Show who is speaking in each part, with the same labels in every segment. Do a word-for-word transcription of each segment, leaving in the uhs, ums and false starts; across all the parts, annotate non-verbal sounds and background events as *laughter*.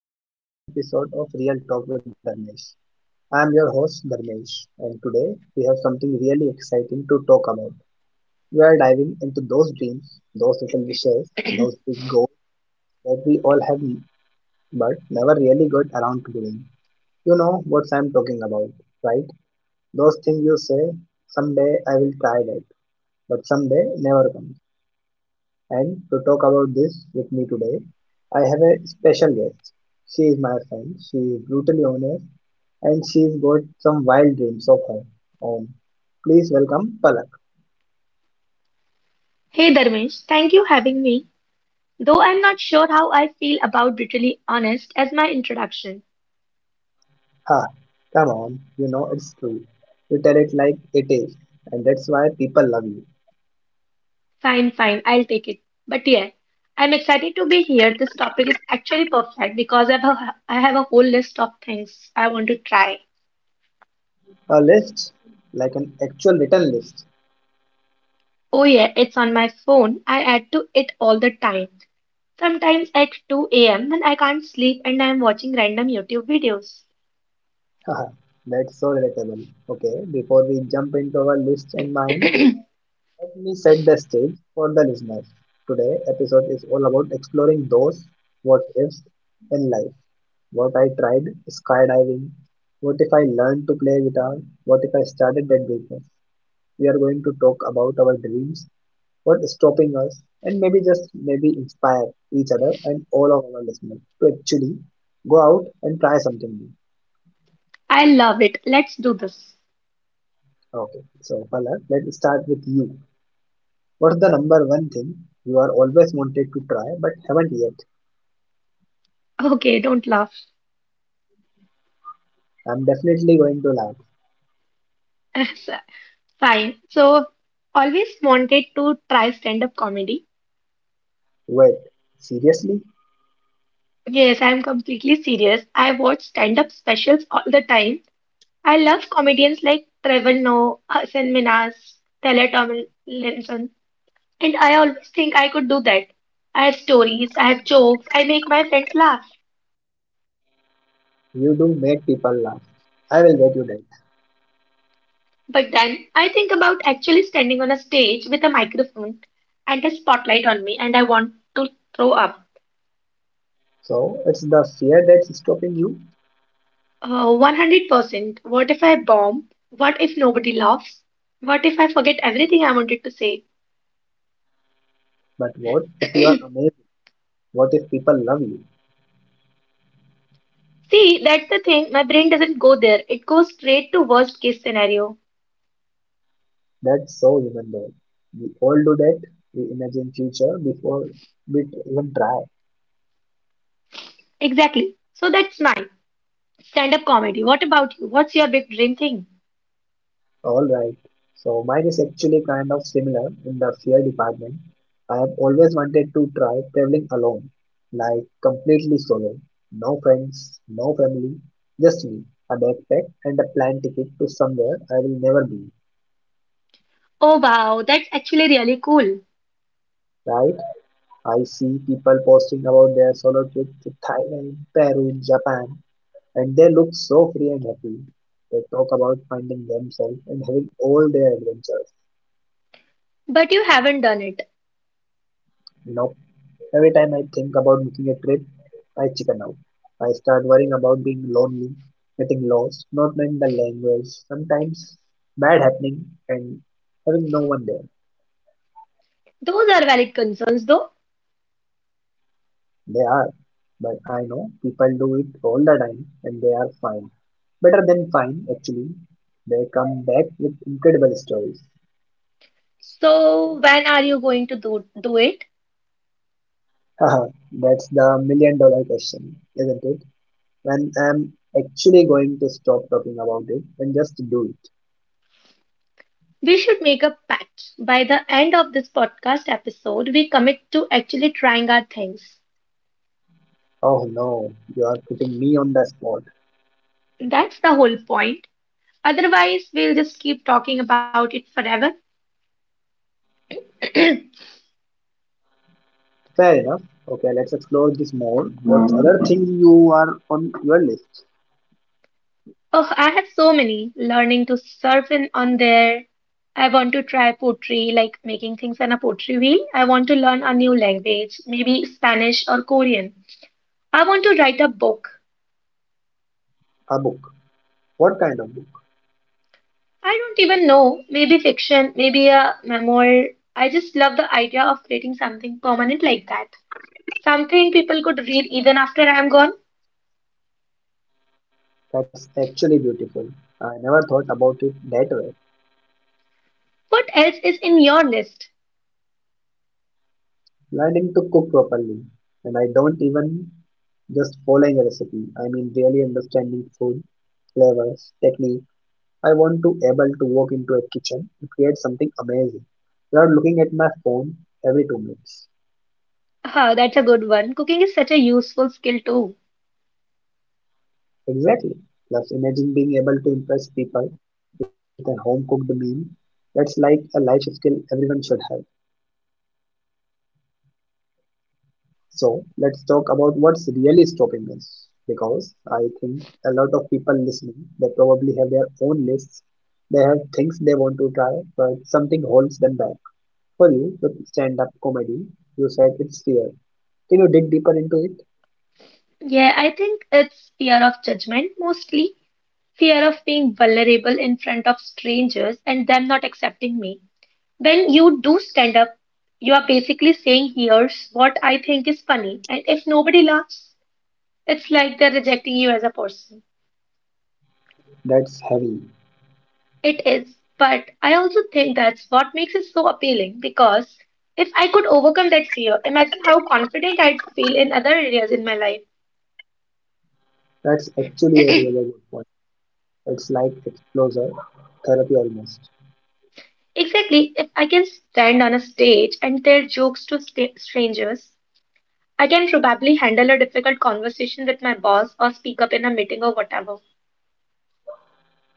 Speaker 1: Welcome back to another episode of Real Talk with Dharmesh. I am your host Dharmesh, and today we have something really exciting to talk about. We are diving into those dreams, those little wishes, those big goals we all have but never really got around to doing. You know what I'm talking about, right? Those things you say, someday I will try that, but someday never comes. And to talk about this with me today, I have a special guest. She is my friend, she is brutally honest, and she's got some wild dreams of her own. Please welcome Palak.
Speaker 2: Hey Dharmesh, thank you having me. Though I'm not sure how I feel about brutally honest as my introduction.
Speaker 1: Ha, come on, you know it's true. You tell it like it is, and that's why people love you.
Speaker 2: Fine, fine, I'll take it. But yeah, I'm excited to be here. This topic is actually perfect because I have a, I have a whole list of things I want to try.
Speaker 1: A list, like an actual written list.
Speaker 2: Oh yeah, it's on my phone. I add to it all the time. Sometimes at two a m when I can't sleep and I'm watching random YouTube videos.
Speaker 1: *laughs* Haha, that's so relatable. Okay, before we jump into our list and mine, let me set the stage for the listeners. Today episode is all about exploring those what ifs in life. What I tried skydiving, what if I learned to play guitar, what if I started that business. We are going to talk about our dreams, what's stopping us, and maybe just maybe inspire each other and all of our listeners to actually go out and try something new.
Speaker 2: I love it. Let's do this.
Speaker 1: Okay, so Palak, let's start with you. What's the number one thing you are always wanted to try but haven't yet?
Speaker 2: Okay, don't laugh.
Speaker 1: I'm definitely going to laugh.
Speaker 2: *laughs* Fine. So, always wanted to try stand up comedy.
Speaker 1: Wait, seriously?
Speaker 2: Yes, I'm completely serious. I watch stand up specials all the time. I love comedians like Trevor Noah, Hasan Minhas, Taylor Tomlinson, and I always think I could do that. I have stories, I have jokes, I make my friends laugh.
Speaker 1: You do make people laugh. I will get you that.
Speaker 2: But then I think about actually standing on a stage with a microphone and a spotlight on me, and I want to throw up.
Speaker 1: So it's the fear that's stopping you.
Speaker 2: Uh, one hundred percent. What if I bomb? What if nobody laughs? What if I forget everything I wanted to say?
Speaker 1: But what if you are amazing? What if people love you?
Speaker 2: See, that's the thing. My brain doesn't go there. It goes straight to worst case scenario.
Speaker 1: That's so human though. We all do that. We imagine future before we even try.
Speaker 2: Exactly. So that's mine. Stand-up comedy. What about you? What's your big dream thing?
Speaker 1: All right. So mine is actually kind of similar in the fear department. I have always wanted to try traveling alone, like completely solo. No friends, no family, just me, a backpack and a plane ticket to somewhere I will never be.
Speaker 2: Oh wow, that's actually really cool.
Speaker 1: Right? I see people posting about their solo trips to Thailand, Peru, Japan, and they look so free and happy. They talk about finding themselves and having all their adventures.
Speaker 2: But you haven't done it.
Speaker 1: You know, every time I think about making a trip, I chicken out. I start worrying about being lonely, getting lost, not knowing the language, sometimes bad happening, and having no one there.
Speaker 2: Those are valid concerns though.
Speaker 1: They are, but I know people do it all the time and they are fine. Better than fine, actually. They come back with incredible stories.
Speaker 2: So when are you going to do do it?
Speaker 1: Haha, that's the million dollar question, isn't it? When I'm actually going to stop talking about it and just do it.
Speaker 2: We should make a pact. By the end of this podcast episode, we commit to actually trying our things.
Speaker 1: Oh no, you are putting me on the spot.
Speaker 2: That's the whole point. Otherwise, we'll just keep talking about it forever. *clears throat* Oh,
Speaker 1: Fair enough. Okay, let's explore this more. What other thing you are on your list?
Speaker 2: I have so many. Learning to surf in on there. I want to try pottery, like making things on a pottery wheel. I want to learn a new language, maybe Spanish or Korean. I want to write a book.
Speaker 1: A book. What kind of book?
Speaker 2: I don't even know. Maybe fiction, maybe a memoir. I just love the idea of creating something permanent like that. Something people could read even after I'm gone.
Speaker 1: That's actually beautiful. I never thought about it that way.
Speaker 2: What else is in your list?
Speaker 1: Learning to cook properly. And I don't even just following a recipe. I mean really understanding food, flavors, technique. I want to able to walk into a kitchen to create something amazing without looking at my phone every two minutes.
Speaker 2: Ah, that's a good one. Cooking is such a useful skill too.
Speaker 1: Exactly. Plus, imagine being able to impress people with a home cooked meal. That's like a life skill everyone should have. So, let's talk about what's really stopping us. Because I think a lot of people listening, they probably have their own lists. They have things they want to try, but something holds them back. For you, with stand up comedy, you said it's fear. Can you dig deeper into it?
Speaker 2: Yeah, I think it's fear of judgment mostly. Fear of being vulnerable in front of strangers and them not accepting me. When you do stand up, you are basically saying, here's what I think is funny, and if nobody laughs, it's like they're rejecting you as a person.
Speaker 1: That's heavy.
Speaker 2: It is. But I also think that's what makes it so appealing because if I could overcome that fear, imagine how confident I'd feel in other areas in my life.
Speaker 1: That's actually a really good point. It's like exposure therapy almost.
Speaker 2: Exactly, if I can stand on a stage and tell jokes to sta strangers, I can probably handle a difficult conversation with my boss or speak up in a meeting or whatever.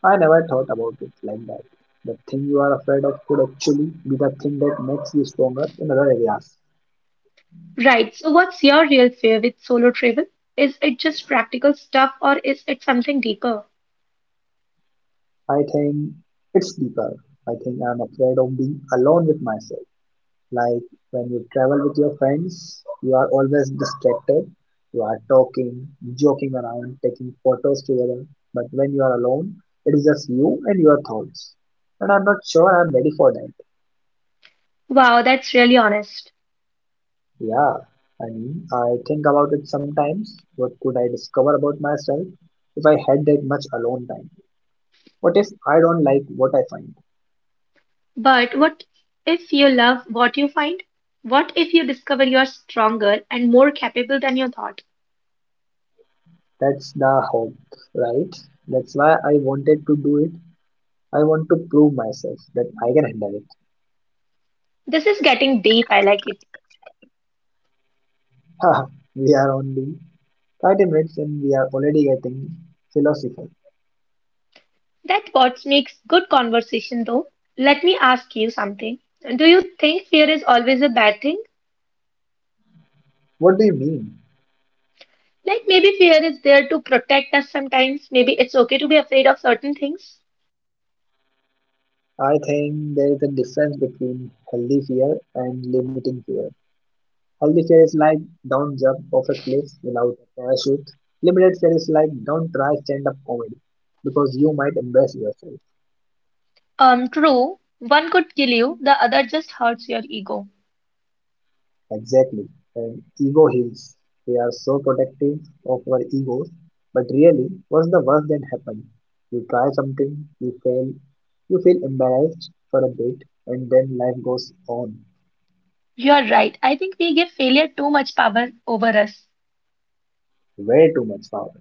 Speaker 1: I never thought about it like that. The thing you are afraid of could actually be the thing that makes you stronger in other areas.
Speaker 2: Right, so what's your real fear with solo travel? Is it just practical stuff or is it something deeper?
Speaker 1: I think it's deeper. I think I'm afraid of being alone with myself. Like when you travel with your friends, you are always distracted. You are talking, joking around, taking photos together. But when you are alone, it is just you and your thoughts. And I'm not sure I'm ready for that.
Speaker 2: Wow, that's really honest.
Speaker 1: Yeah, I mean, I think about it sometimes. What could I discover about myself if I had that much alone time? What if I don't like what I find?
Speaker 2: But what if you love what you find? What if you discover you are stronger and more capable than you thought?
Speaker 1: That's the hope, right? That's why I wanted to do it. I want to prove myself that I can handle it.
Speaker 2: This is getting deep, I like it.
Speaker 1: Haha, we are only thirty minutes and we are already getting philosophical.
Speaker 2: That what makes good conversation though. Let me ask you something. Do you think fear is always a bad thing?
Speaker 1: What do you mean?
Speaker 2: Like maybe fear is there to protect us sometimes. Maybe it's okay to be afraid of certain things.
Speaker 1: I think there is a difference between healthy fear and limiting fear. Healthy fear like don't jump off a cliff without a parachute. Limited fear like don't try stand up comedy because you might embarrass yourself.
Speaker 2: Um, true. One could kill you, the other just hurts your ego.
Speaker 1: Exactly. And ego heals. We are so protective of our egos. But really, what's the worst that happened? You try something, you fail, you feel embarrassed for a bit, and then life goes on.
Speaker 2: You are right. I think we give failure too much power over us.
Speaker 1: Way too much power.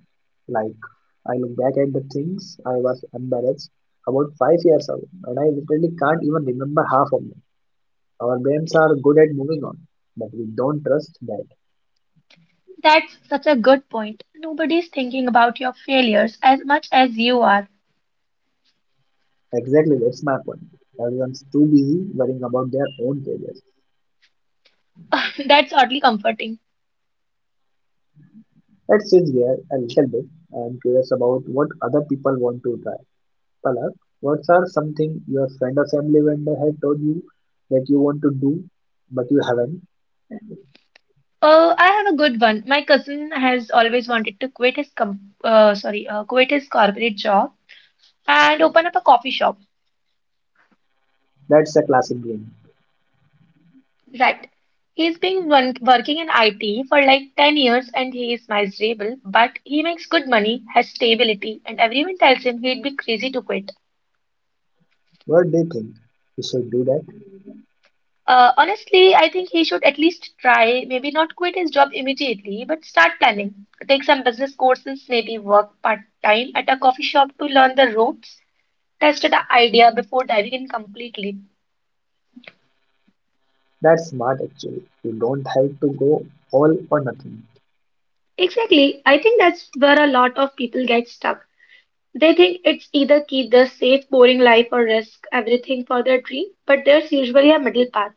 Speaker 1: Like, I look back at the things I was embarrassed about five years ago, and I literally can't even remember half of them. Our brains are good at moving on, but we don't trust that.
Speaker 2: That's such a good point. Nobody's thinking about your failures as much as you are.
Speaker 1: Exactly, that's my point. Everyone's too busy worrying about their own failures.
Speaker 2: *laughs* That's oddly comforting.
Speaker 1: Let's switch gear a little bit. I am curious about what other people want to try. Palak, what are something your friend or family member had told you that you want to do but you haven't?
Speaker 2: Oh, I have a good one. My cousin has always wanted to quit his com uh, sorry, uh, quit his corporate job and open up a coffee shop.
Speaker 1: That's a classic game.
Speaker 2: Right. He's been run working in I T for like ten years and he is miserable, but he makes good money, has stability, and everyone tells him he'd be crazy to quit.
Speaker 1: What do you think? You should do that.
Speaker 2: Uh, honestly, I think he should at least try, maybe not quit his job immediately, but start planning. Take some business courses, maybe work part-time at a coffee shop to learn the ropes, test the idea before diving in completely.
Speaker 1: That's smart actually. You don't have to go all or nothing.
Speaker 2: Exactly. I think that's where a lot of people get stuck. They think it's either keep the safe, boring life or risk everything for their dream, but there's usually a middle path.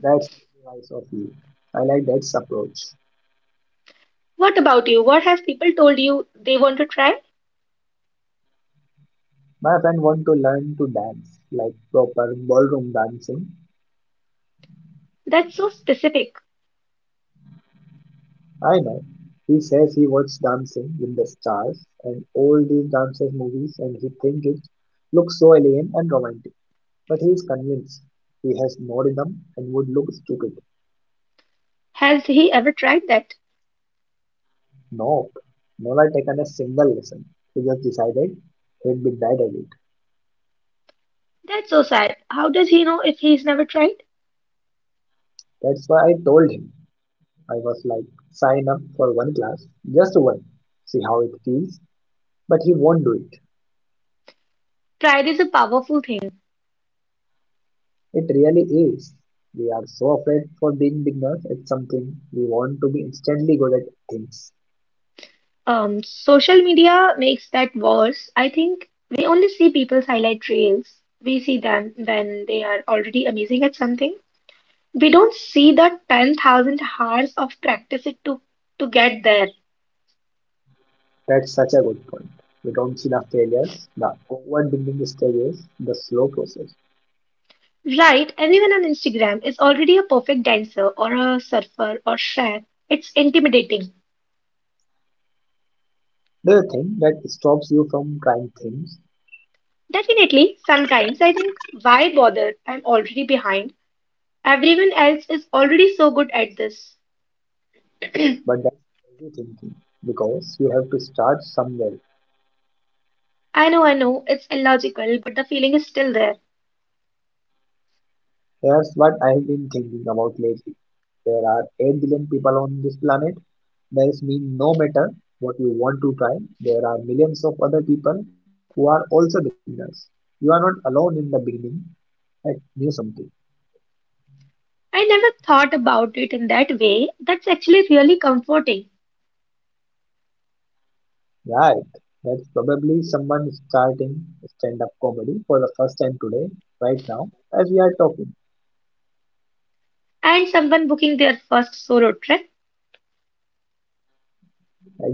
Speaker 1: That's really wise of you. I like that approach.
Speaker 2: What about you? What have people told you they want to try?
Speaker 1: My friend wants to learn to dance, like proper ballroom dancing.
Speaker 2: That's so specific.
Speaker 1: I know. He says he watched Dancing with the Stars and all these dancers movies and he thinks it looks so alien and romantic. But he is convinced he has no rhythm and would look stupid.
Speaker 2: Has he ever tried that?
Speaker 1: No, never taken a single lesson. He just decided he'd be bad at it.
Speaker 2: That's so sad. How does he know if he's never tried?
Speaker 1: That's why I told him. I was like, sign up for one class, just one, see how it feels. But he won't do it.
Speaker 2: Pride is a powerful thing.
Speaker 1: It really is. We are so afraid for being beginners at something. We want to be instantly good at things.
Speaker 2: Um, social media makes that worse. I think we only see people's highlight reels. We see them when they are already amazing at something. We don't see the ten thousand hours of practice it to to get there.
Speaker 1: That's such a good point. We don't see the failures, the awkward stages, the slow process.
Speaker 2: Right, everyone on Instagram is already a perfect dancer or a surfer or chef. It's intimidating.
Speaker 1: Do you think that stops you from trying things?
Speaker 2: Definitely, sometimes I think, why bother? I'm already behind. Everyone else is already so good at this.
Speaker 1: But that's crazy thinking because you have to start somewhere.
Speaker 2: I know, I know, it's illogical, but the feeling is still there.
Speaker 1: Here's what I've been thinking about lately. There are eight billion people on this planet. There's mean no matter what you want to try, there are millions of other people who are also beginners. You are not alone in the beginning at new something.
Speaker 2: I never thought about it in that way. That's actually really comforting.
Speaker 1: Right. That's probably someone starting stand up comedy for the first time today, right now, as we are talking.
Speaker 2: And someone booking their first solo trip.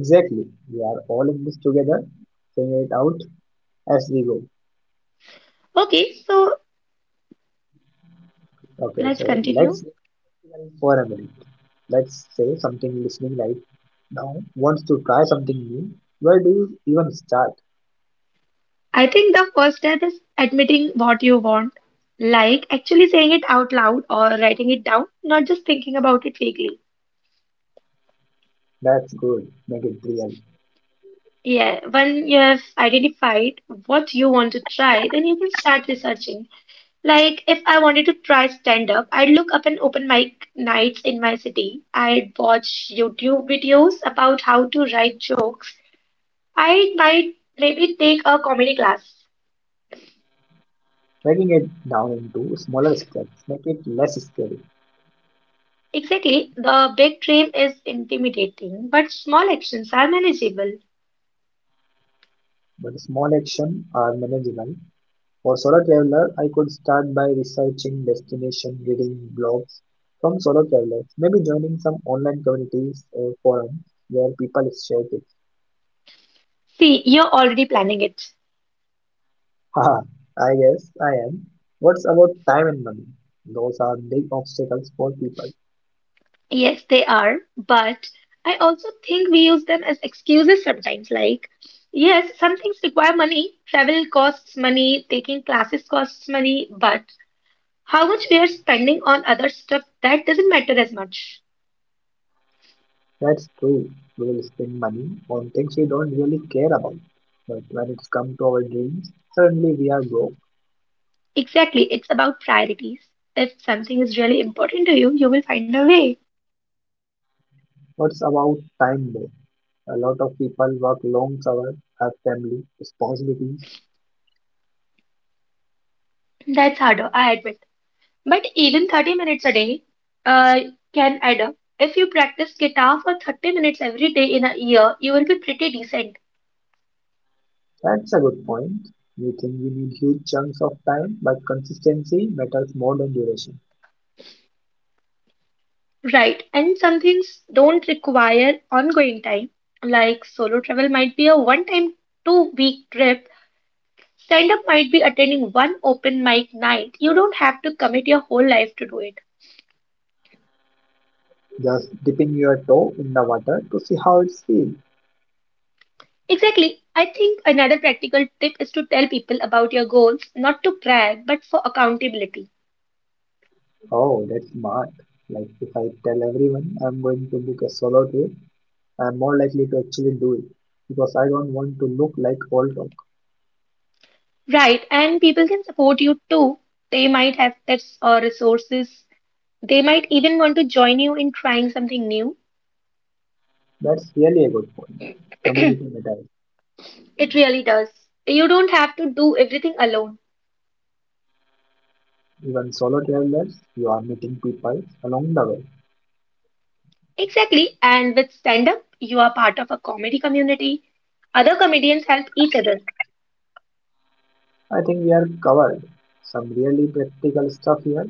Speaker 1: Exactly. are all in this together, figure it out as we go.
Speaker 2: Okay, so
Speaker 1: Okay,
Speaker 2: let's
Speaker 1: so
Speaker 2: continue.
Speaker 1: let's listen for a minute. Let's say something listening right now wants to try something new. Where do you even start?
Speaker 2: I think the first step is admitting what you want, like actually saying it out loud or writing it down, not just thinking about it vaguely.
Speaker 1: That's good. Make it real.
Speaker 2: Yeah, when you have identified what you want to try, then you can start researching. Like, if I wanted to try stand-up, I'd look up an open mic nights in my city. I'd watch YouTube videos about how to write jokes. I might maybe take a comedy class.
Speaker 1: Breaking it down into smaller steps. Make it less scary.
Speaker 2: Exactly, the big dream is intimidating, but small actions are manageable.
Speaker 1: But small action are manageable. For solo traveler, I could start by researching destination, reading blogs from solo travelers, maybe joining some online communities or forums where people share tips.
Speaker 2: See, you're already planning it.
Speaker 1: Haha, I guess I am. What's about time and money? Those are big obstacles for people.
Speaker 2: Yes, they are, but I also think we use them as excuses sometimes. Like, yes, some things require money, travel costs money, taking classes costs money, but how much we are spending on other stuff, that doesn't matter as much.
Speaker 1: That's true. We will spend money on things we don't really care about. But when it comes to our dreams, suddenly we are broke.
Speaker 2: Exactly, it's about priorities. If something is really important to you, you will find a way.
Speaker 1: What's about time though? A lot of people work long hours, have family, responsibilities.
Speaker 2: That's harder, I admit. But even thirty minutes a day uh, can add up. If you practice guitar for thirty minutes every day in a year, you will be pretty decent.
Speaker 1: That's a good point. We think we need huge chunks of time, but consistency matters more than duration.
Speaker 2: Right, and some things don't require ongoing time, like solo travel might be a one time two week trip, stand up might be attending one open mic night. You don't have to commit your whole life to do it.
Speaker 1: Just dipping your toe in the water to see how it feels.
Speaker 2: Exactly. I think another practical tip is to tell people about your goals, not to brag, but for accountability.
Speaker 1: Oh, that's smart. Like, if I tell everyone I'm going to book a solo trip, I'm more likely to actually do it because I don't want to look like old dog.
Speaker 2: Right, and people can support you too. They might have tips or resources. They might even want to join you in trying something new.
Speaker 1: That's really a good point. Community matters.
Speaker 2: It really does. You don't have to do everything alone.
Speaker 1: Even solo travelers, you are meeting people along the way.
Speaker 2: Exactly. And with stand up, you are part of a comedy community. Other comedians help each other.
Speaker 1: I think we are covered. Some really practical stuff here.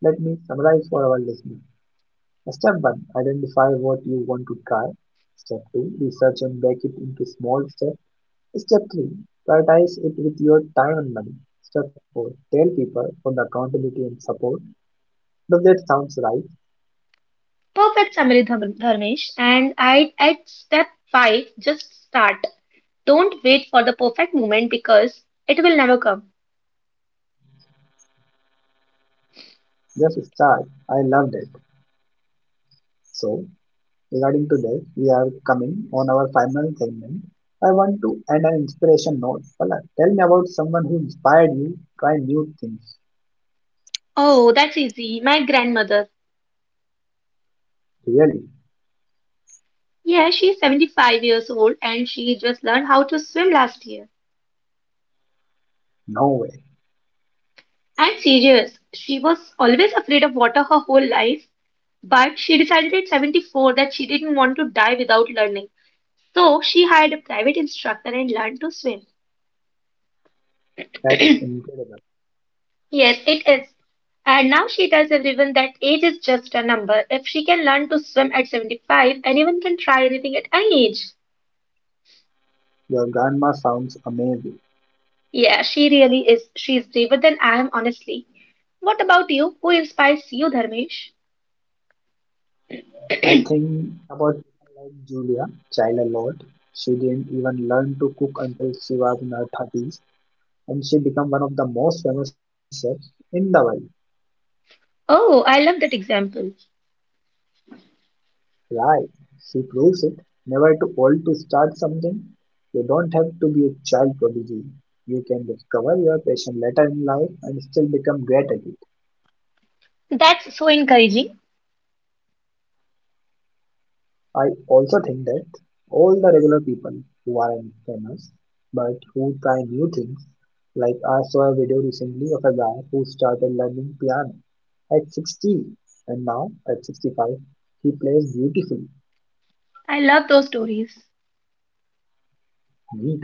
Speaker 1: Let me summarize for our listeners. Step one, identify what you want to try. Step two, research and break it into small steps. Step three, prioritize it with your time and money. Step four, tell people for the accountability and support. Does that sounds right?
Speaker 2: Perfect summary, Dharm- Dharmesh. And I at step five, just start. Don't wait for the perfect moment because it will never come.
Speaker 1: Just start. I loved it. So, regarding to this, we are coming on our final segment. I want to end an inspiration note. Palak, tell me about someone who inspired you try new things.
Speaker 2: Oh, that's easy. My grandmother.
Speaker 1: Really?
Speaker 2: Yeah, she's seventy-five years old and she just learned how to swim last year.
Speaker 1: No way.
Speaker 2: I'm serious. She was always afraid of water her whole life, but she decided at seventy-four that she didn't want to die without learning. So she hired a private instructor and learned to swim.
Speaker 1: That's incredible.
Speaker 2: Yes, it is. And now she tells everyone that age is just a number. If she can learn to swim at seventy-five, anyone can try anything at any age.
Speaker 1: Your grandma sounds amazing.
Speaker 2: Yeah, she really is. She is braver than I am, honestly. What about you? Who inspires you, Dharmesh?
Speaker 1: I think about people like Julia Child a lot. She didn't even learn to cook until she was in her thirties, and she became one of the most famous chefs in the world.
Speaker 2: Oh, I love that example.
Speaker 1: Right. She proves it. Never too old to start something. You don't have to be a child prodigy. You can discover your passion later in life and still become great at it.
Speaker 2: That's so encouraging.
Speaker 1: I also think that all the regular people who aren't famous but who try new things, like I saw a video recently of a guy who started learning piano at sixty, and now at sixty-five he plays beautifully,
Speaker 2: I love those stories.
Speaker 1: neat.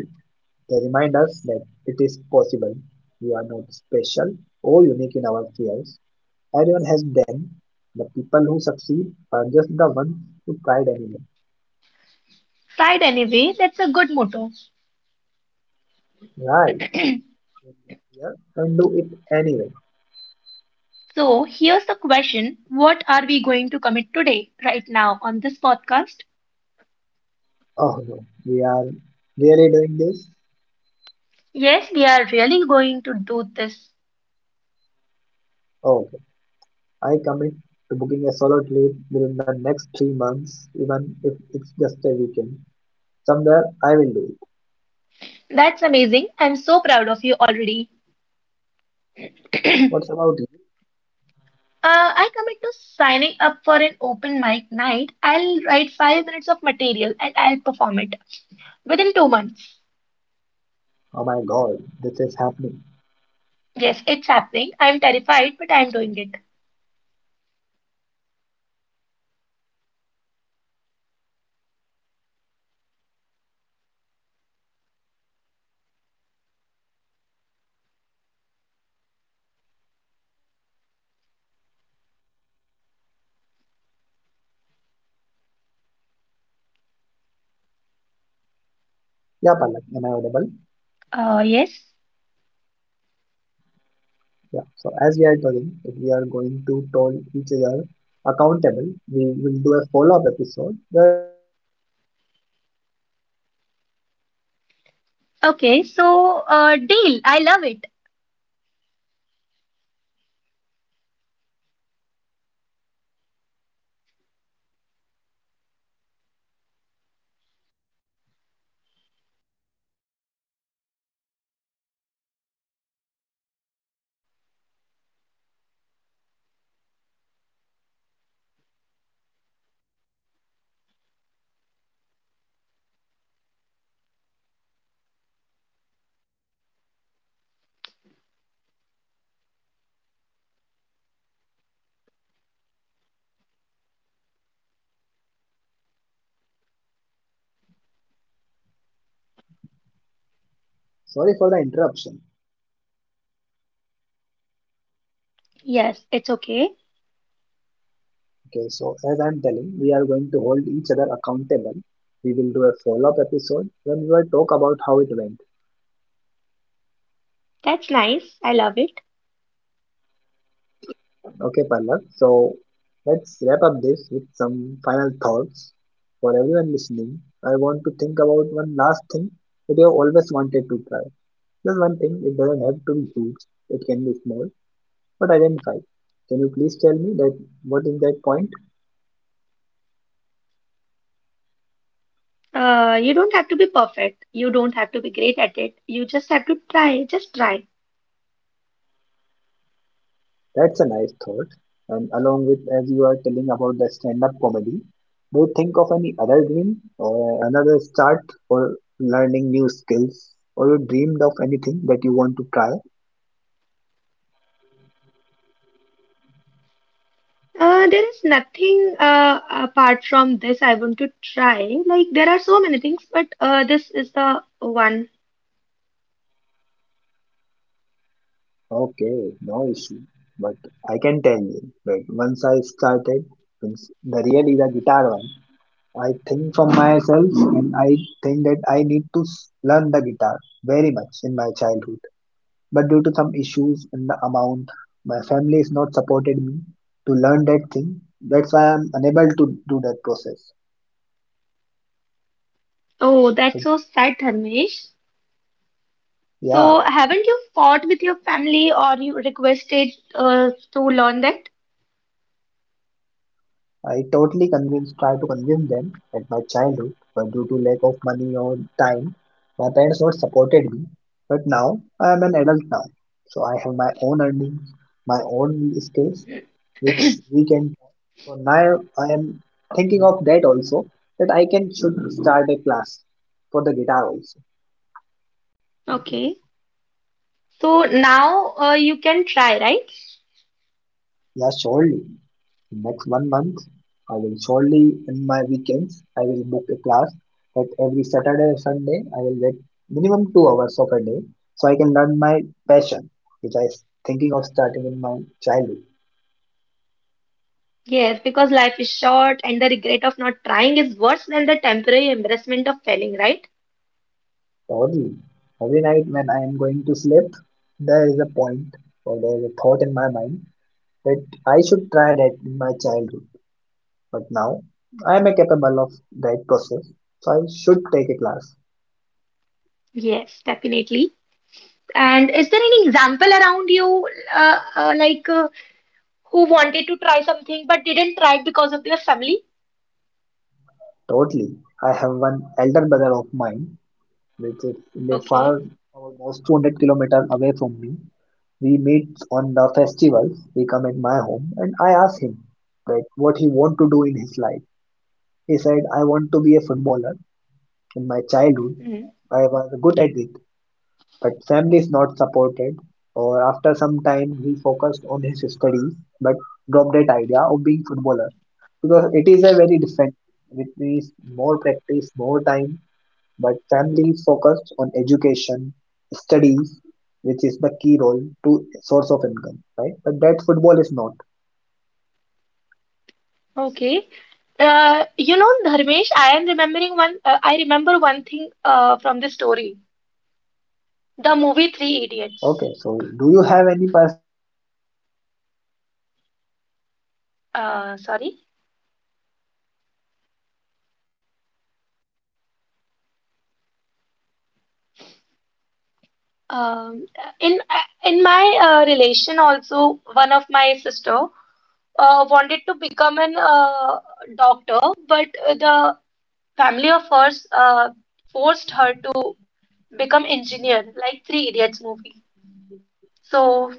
Speaker 1: They remind us that it is possible. We are not special or unique in our fears. Everyone has them. The people who succeed are just the ones who tried anyway.
Speaker 2: Fight anyway, that's a good motto.
Speaker 1: Right? In the fear and do it anyway.
Speaker 2: So here's the question: what are we going to commit today, right now, on this podcast?
Speaker 1: Oh no, we are really doing this?
Speaker 2: Yes, we are really going to do this.
Speaker 1: Oh, okay, I commit to booking a solo trip within the next three months, even if it's just a weekend. Somewhere I will do it.
Speaker 2: That's amazing. I'm so proud of you already.
Speaker 1: What's about you?
Speaker 2: Uh, I commit to signing up for an open mic night. I'll write five minutes of material and I'll perform it within two months.
Speaker 1: Oh my god, this is happening.
Speaker 2: Yes, it's happening. I'm terrified, but I'm doing it.
Speaker 1: Yeah, Palak, am I audible?
Speaker 2: Uh, yes.
Speaker 1: Yeah, so as we are talking, if we are going to hold each other accountable, we will do a follow up episode where we talk about how it went.
Speaker 2: Okay, so uh, deal. I love it.
Speaker 1: As you informed me that I commit to signing for an open mic night, I will write five minutes material and I will perform it within two months. Sorry for the interruption.
Speaker 2: Yes, it's okay.
Speaker 1: Okay, so as I'm telling, we are going to hold each other accountable. We will do a follow-up episode when we will talk about how it went.
Speaker 2: That's nice. I love it.
Speaker 1: Okay, Pallav. So let's wrap up this with some final thoughts for everyone listening. I want to think about one last thing that you have always wanted to try. Just one thing. It doesn't have to be huge. It can be small, but identify. Can you please tell me that what is that point?
Speaker 2: Uh, you don't have to be perfect. You don't have to be great at it. You just have to try. Just try.
Speaker 1: That's a nice thought. And along with, as you are telling about the stand up comedy, do you think of any other dream or another start for learning new skills? Or you dreamed of anything that you want to try?
Speaker 2: Uh, there is nothing uh, apart from this I want to try. Like, there are so many things, but uh, this is the one.
Speaker 1: Okay, no issue. But I can tell you that once I started, means the really the guitar one, I think from myself and I think that I need to s- learn the guitar very much in my childhood. But due to some issues in the amount, my family is not supported me to learn that thing. That's why I'm unable to do that process.
Speaker 2: Oh, that's
Speaker 1: So
Speaker 2: so sad, Dharmesh.
Speaker 1: yeah,
Speaker 2: So, haven't you fought with your family or you requested uh, to learn that?
Speaker 1: I totally convince, try to convince them that my childhood, but due to lack of or time, my parents not supported me. But now I am an adult now, so I have my own earnings, my own skills, which we can. So now I am thinking of that also that I can should start a class for the guitar also.
Speaker 2: Okay. So, now uh, you can try, right?
Speaker 1: Yeah, surely. Next one month, I will surely, in my weekends, I will book a class that every Saturday or Sunday, I will get minimum two hours of a day so I can learn my passion, which I was thinking of starting in my childhood.
Speaker 2: Yes, because life is short and the regret of not trying is worse than the temporary embarrassment of failing, right?
Speaker 1: Surely, every night when I am going to sleep, there is a point or there is a thought in my mind that I should try that in my childhood. But now, I am capable of that process, so I should take a class.
Speaker 2: Yes, definitely. And is there any example around you, uh, uh, like uh, who wanted to try something but didn't try it because of their family?
Speaker 1: Totally. I have one elder brother of mine, which is lives
Speaker 2: Okay.
Speaker 1: far almost two hundred kilometers away from me. We meet on the festivals. We come at my home, and I ask him that what he want to do in his life. He said, "I want to be a footballer. In my childhood,
Speaker 2: Mhm.
Speaker 1: I was good at it, but family is not supported." Or after some time, he focused on his studies, but dropped that idea of being footballer because it is a very different. Thing. It needs more practice, more time, but family focused on education, studies, which is the key role to source of income, right? But that football is not.
Speaker 2: Okay. Uh, you know, Dharmesh, I am remembering one. Uh, I remember one thing uh, from the story, the movie Three Idiots.
Speaker 1: Okay, so do you have any person as my elder brother? I'm telling in your
Speaker 2: Uh, sorry.
Speaker 1: contact.
Speaker 2: Um, in in my uh, relation also, one of my sister uh, wanted to become an uh, doctor, but uh, the family of hers uh, forced her to become engineer, like Three Idiots movie. So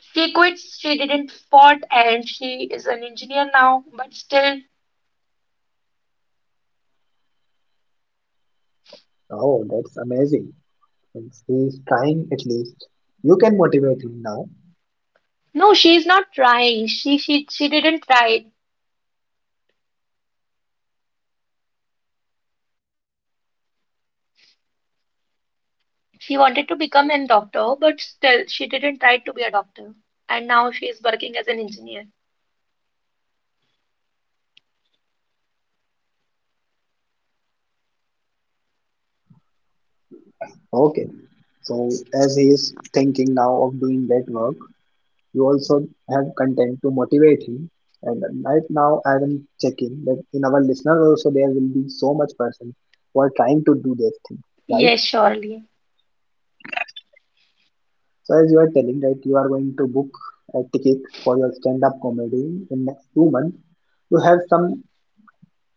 Speaker 2: she quit. She didn't fought, and she is an engineer now. But still,
Speaker 1: Oh, that's amazing. Means he is trying at least. You can motivate him now, as you already
Speaker 2: no,
Speaker 1: talked
Speaker 2: she is
Speaker 1: about
Speaker 2: not
Speaker 1: this concept.
Speaker 2: trying. She she she didn't try. She wanted to become a doctor, but still, she didn't try to be a doctor. And now she is working as an engineer.
Speaker 1: Okay, so as he is thinking now of doing that work, you also have content to motivate him. And right now, I am checking that in our listeners also there will be so much person who are trying to do this thing, right?
Speaker 2: Yes, surely.
Speaker 1: So as you are telling that you are going a ticket for your stand-up comedy in next two months, you have some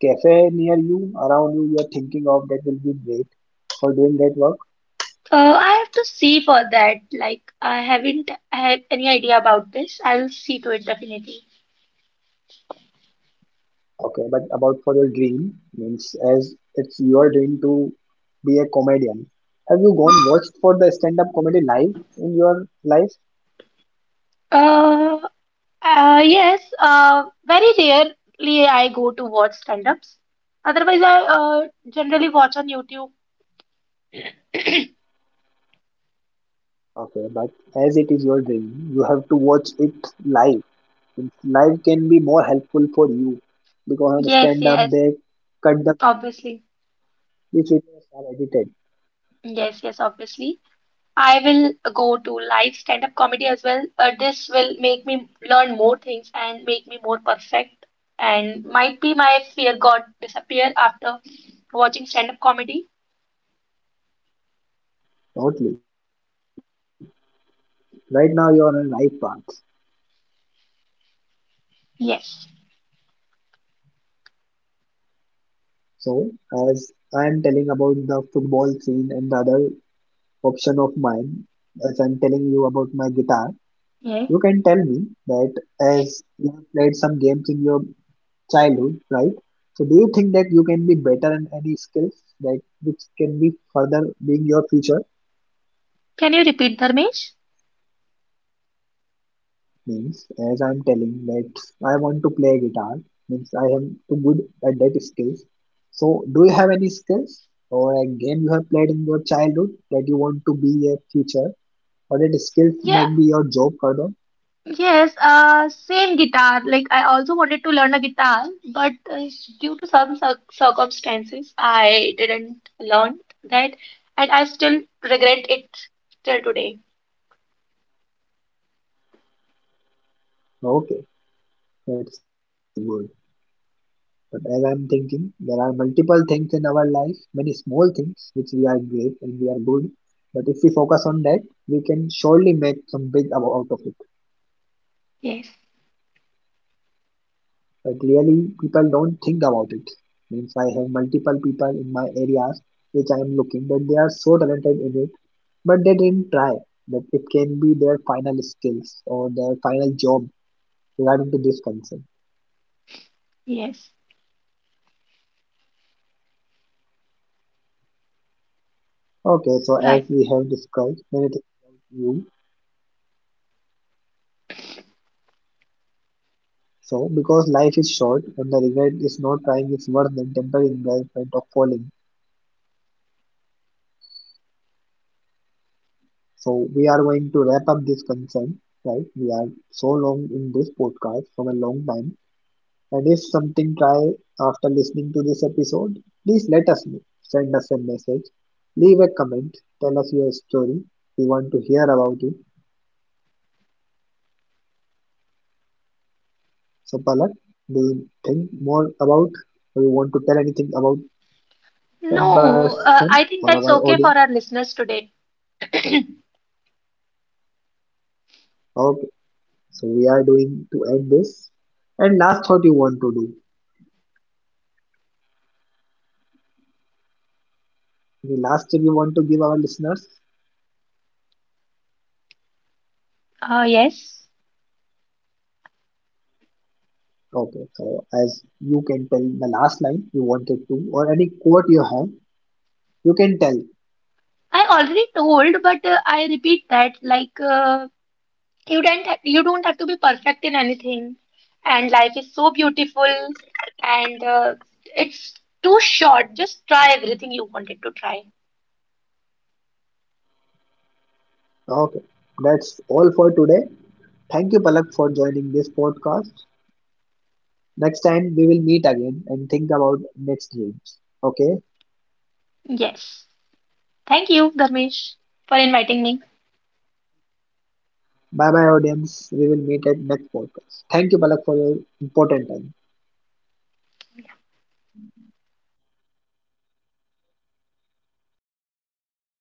Speaker 1: cafe near you, around you. You are thinking of that will be great for doing that work.
Speaker 2: Uh, I have to see for that. Like, I haven't have any idea about this. I'll see to it definitely.
Speaker 1: Okay, but about for your dream, means as it's your dream to be a comedian, have you gone watched for the stand-up comedy live in your life?
Speaker 2: Uh, uh, yes, uh, very rarely I go to watch stand-ups. Otherwise, I uh, generally watch on YouTube.
Speaker 1: Okay, but as it is your dream, you have to watch it live. Means live can be more helpful for you because on
Speaker 2: Yes,
Speaker 1: stand-up
Speaker 2: yes,
Speaker 1: they cut the
Speaker 2: obviously.
Speaker 1: which videos are edited
Speaker 2: Yes, yes, obviously. I will go to live stand-up comedy as well. Uh, this will make me learn more things and make me more perfect. And might be my fear got disappear after watching stand-up comedy.
Speaker 1: totally. Right now you are on a live path.
Speaker 2: Yes.
Speaker 1: So as I am telling about the football scene and the other option of mine, as I'm telling you about my guitar,
Speaker 2: Yeah.
Speaker 1: you can tell me that as you have played some games in your childhood, right? So do you think that you can be better in any skills that which can be further being your future?
Speaker 2: Can you repeat, Dharmesh?
Speaker 1: Means as I'm telling that I want to play guitar, means I am too good at that skills. So do you have any skills or a game you have played in your childhood that you want to be a future or that
Speaker 2: Yeah.
Speaker 1: skills might be your job further?
Speaker 2: Yes. Uh, same guitar. Like I also wanted to learn a guitar, but uh, due to some cir circumstances, I didn't learn that, and I still regret it till today.
Speaker 1: Okay, that's good. But as I'm thinking, there are multiple things in our life, many small things which we are great and we are good. But if we focus on that, we can surely make some big ab- out of it.
Speaker 2: Yes,
Speaker 1: But really, people don't think about it. Means I have multiple people in my areas which I am looking that they are so talented in it, but they didn't. That it can be their final skills or their final job regarding to this concern.
Speaker 2: yes,
Speaker 1: Okay, so
Speaker 2: right.
Speaker 1: as we have discussed many things about you. So, because life is short and the regret is not trying is worse than temporary embarrassment of falling. So, we are going to wrap up this concern, right? We are so long in this podcast for a long time. And if something try after listening to this episode, please let us know. Send us a message, leave a comment, tell us your story. We want to hear about it. So, Palak, do you think more about or you want to tell anything about some
Speaker 2: No,
Speaker 1: person
Speaker 2: uh, I
Speaker 1: or
Speaker 2: think
Speaker 1: our
Speaker 2: that's okay
Speaker 1: audience?
Speaker 2: for our listeners today.
Speaker 1: Our So we are doing to end this. And last thought you want to do? The last tip you want to give our listeners?
Speaker 2: Uh, yes,
Speaker 1: Okay, so as you can tell the last line you wanted to, or any quote you have, you can tell.
Speaker 2: I already told, but uh, I repeat that like uh, you don't ha you don't have to be perfect in anything, and life is so beautiful, and uh, it's too short. Just try everything you wanted to try.
Speaker 1: Okay, that's all for today. Thank you, Palak, for joining this podcast. Next time we will meet again and think about next dreams. Okay,
Speaker 2: Yes, thank you, Dharmesh, for inviting me.
Speaker 1: bye bye, audience. We will meet at next podcast. Thank you, Palak, for your important time.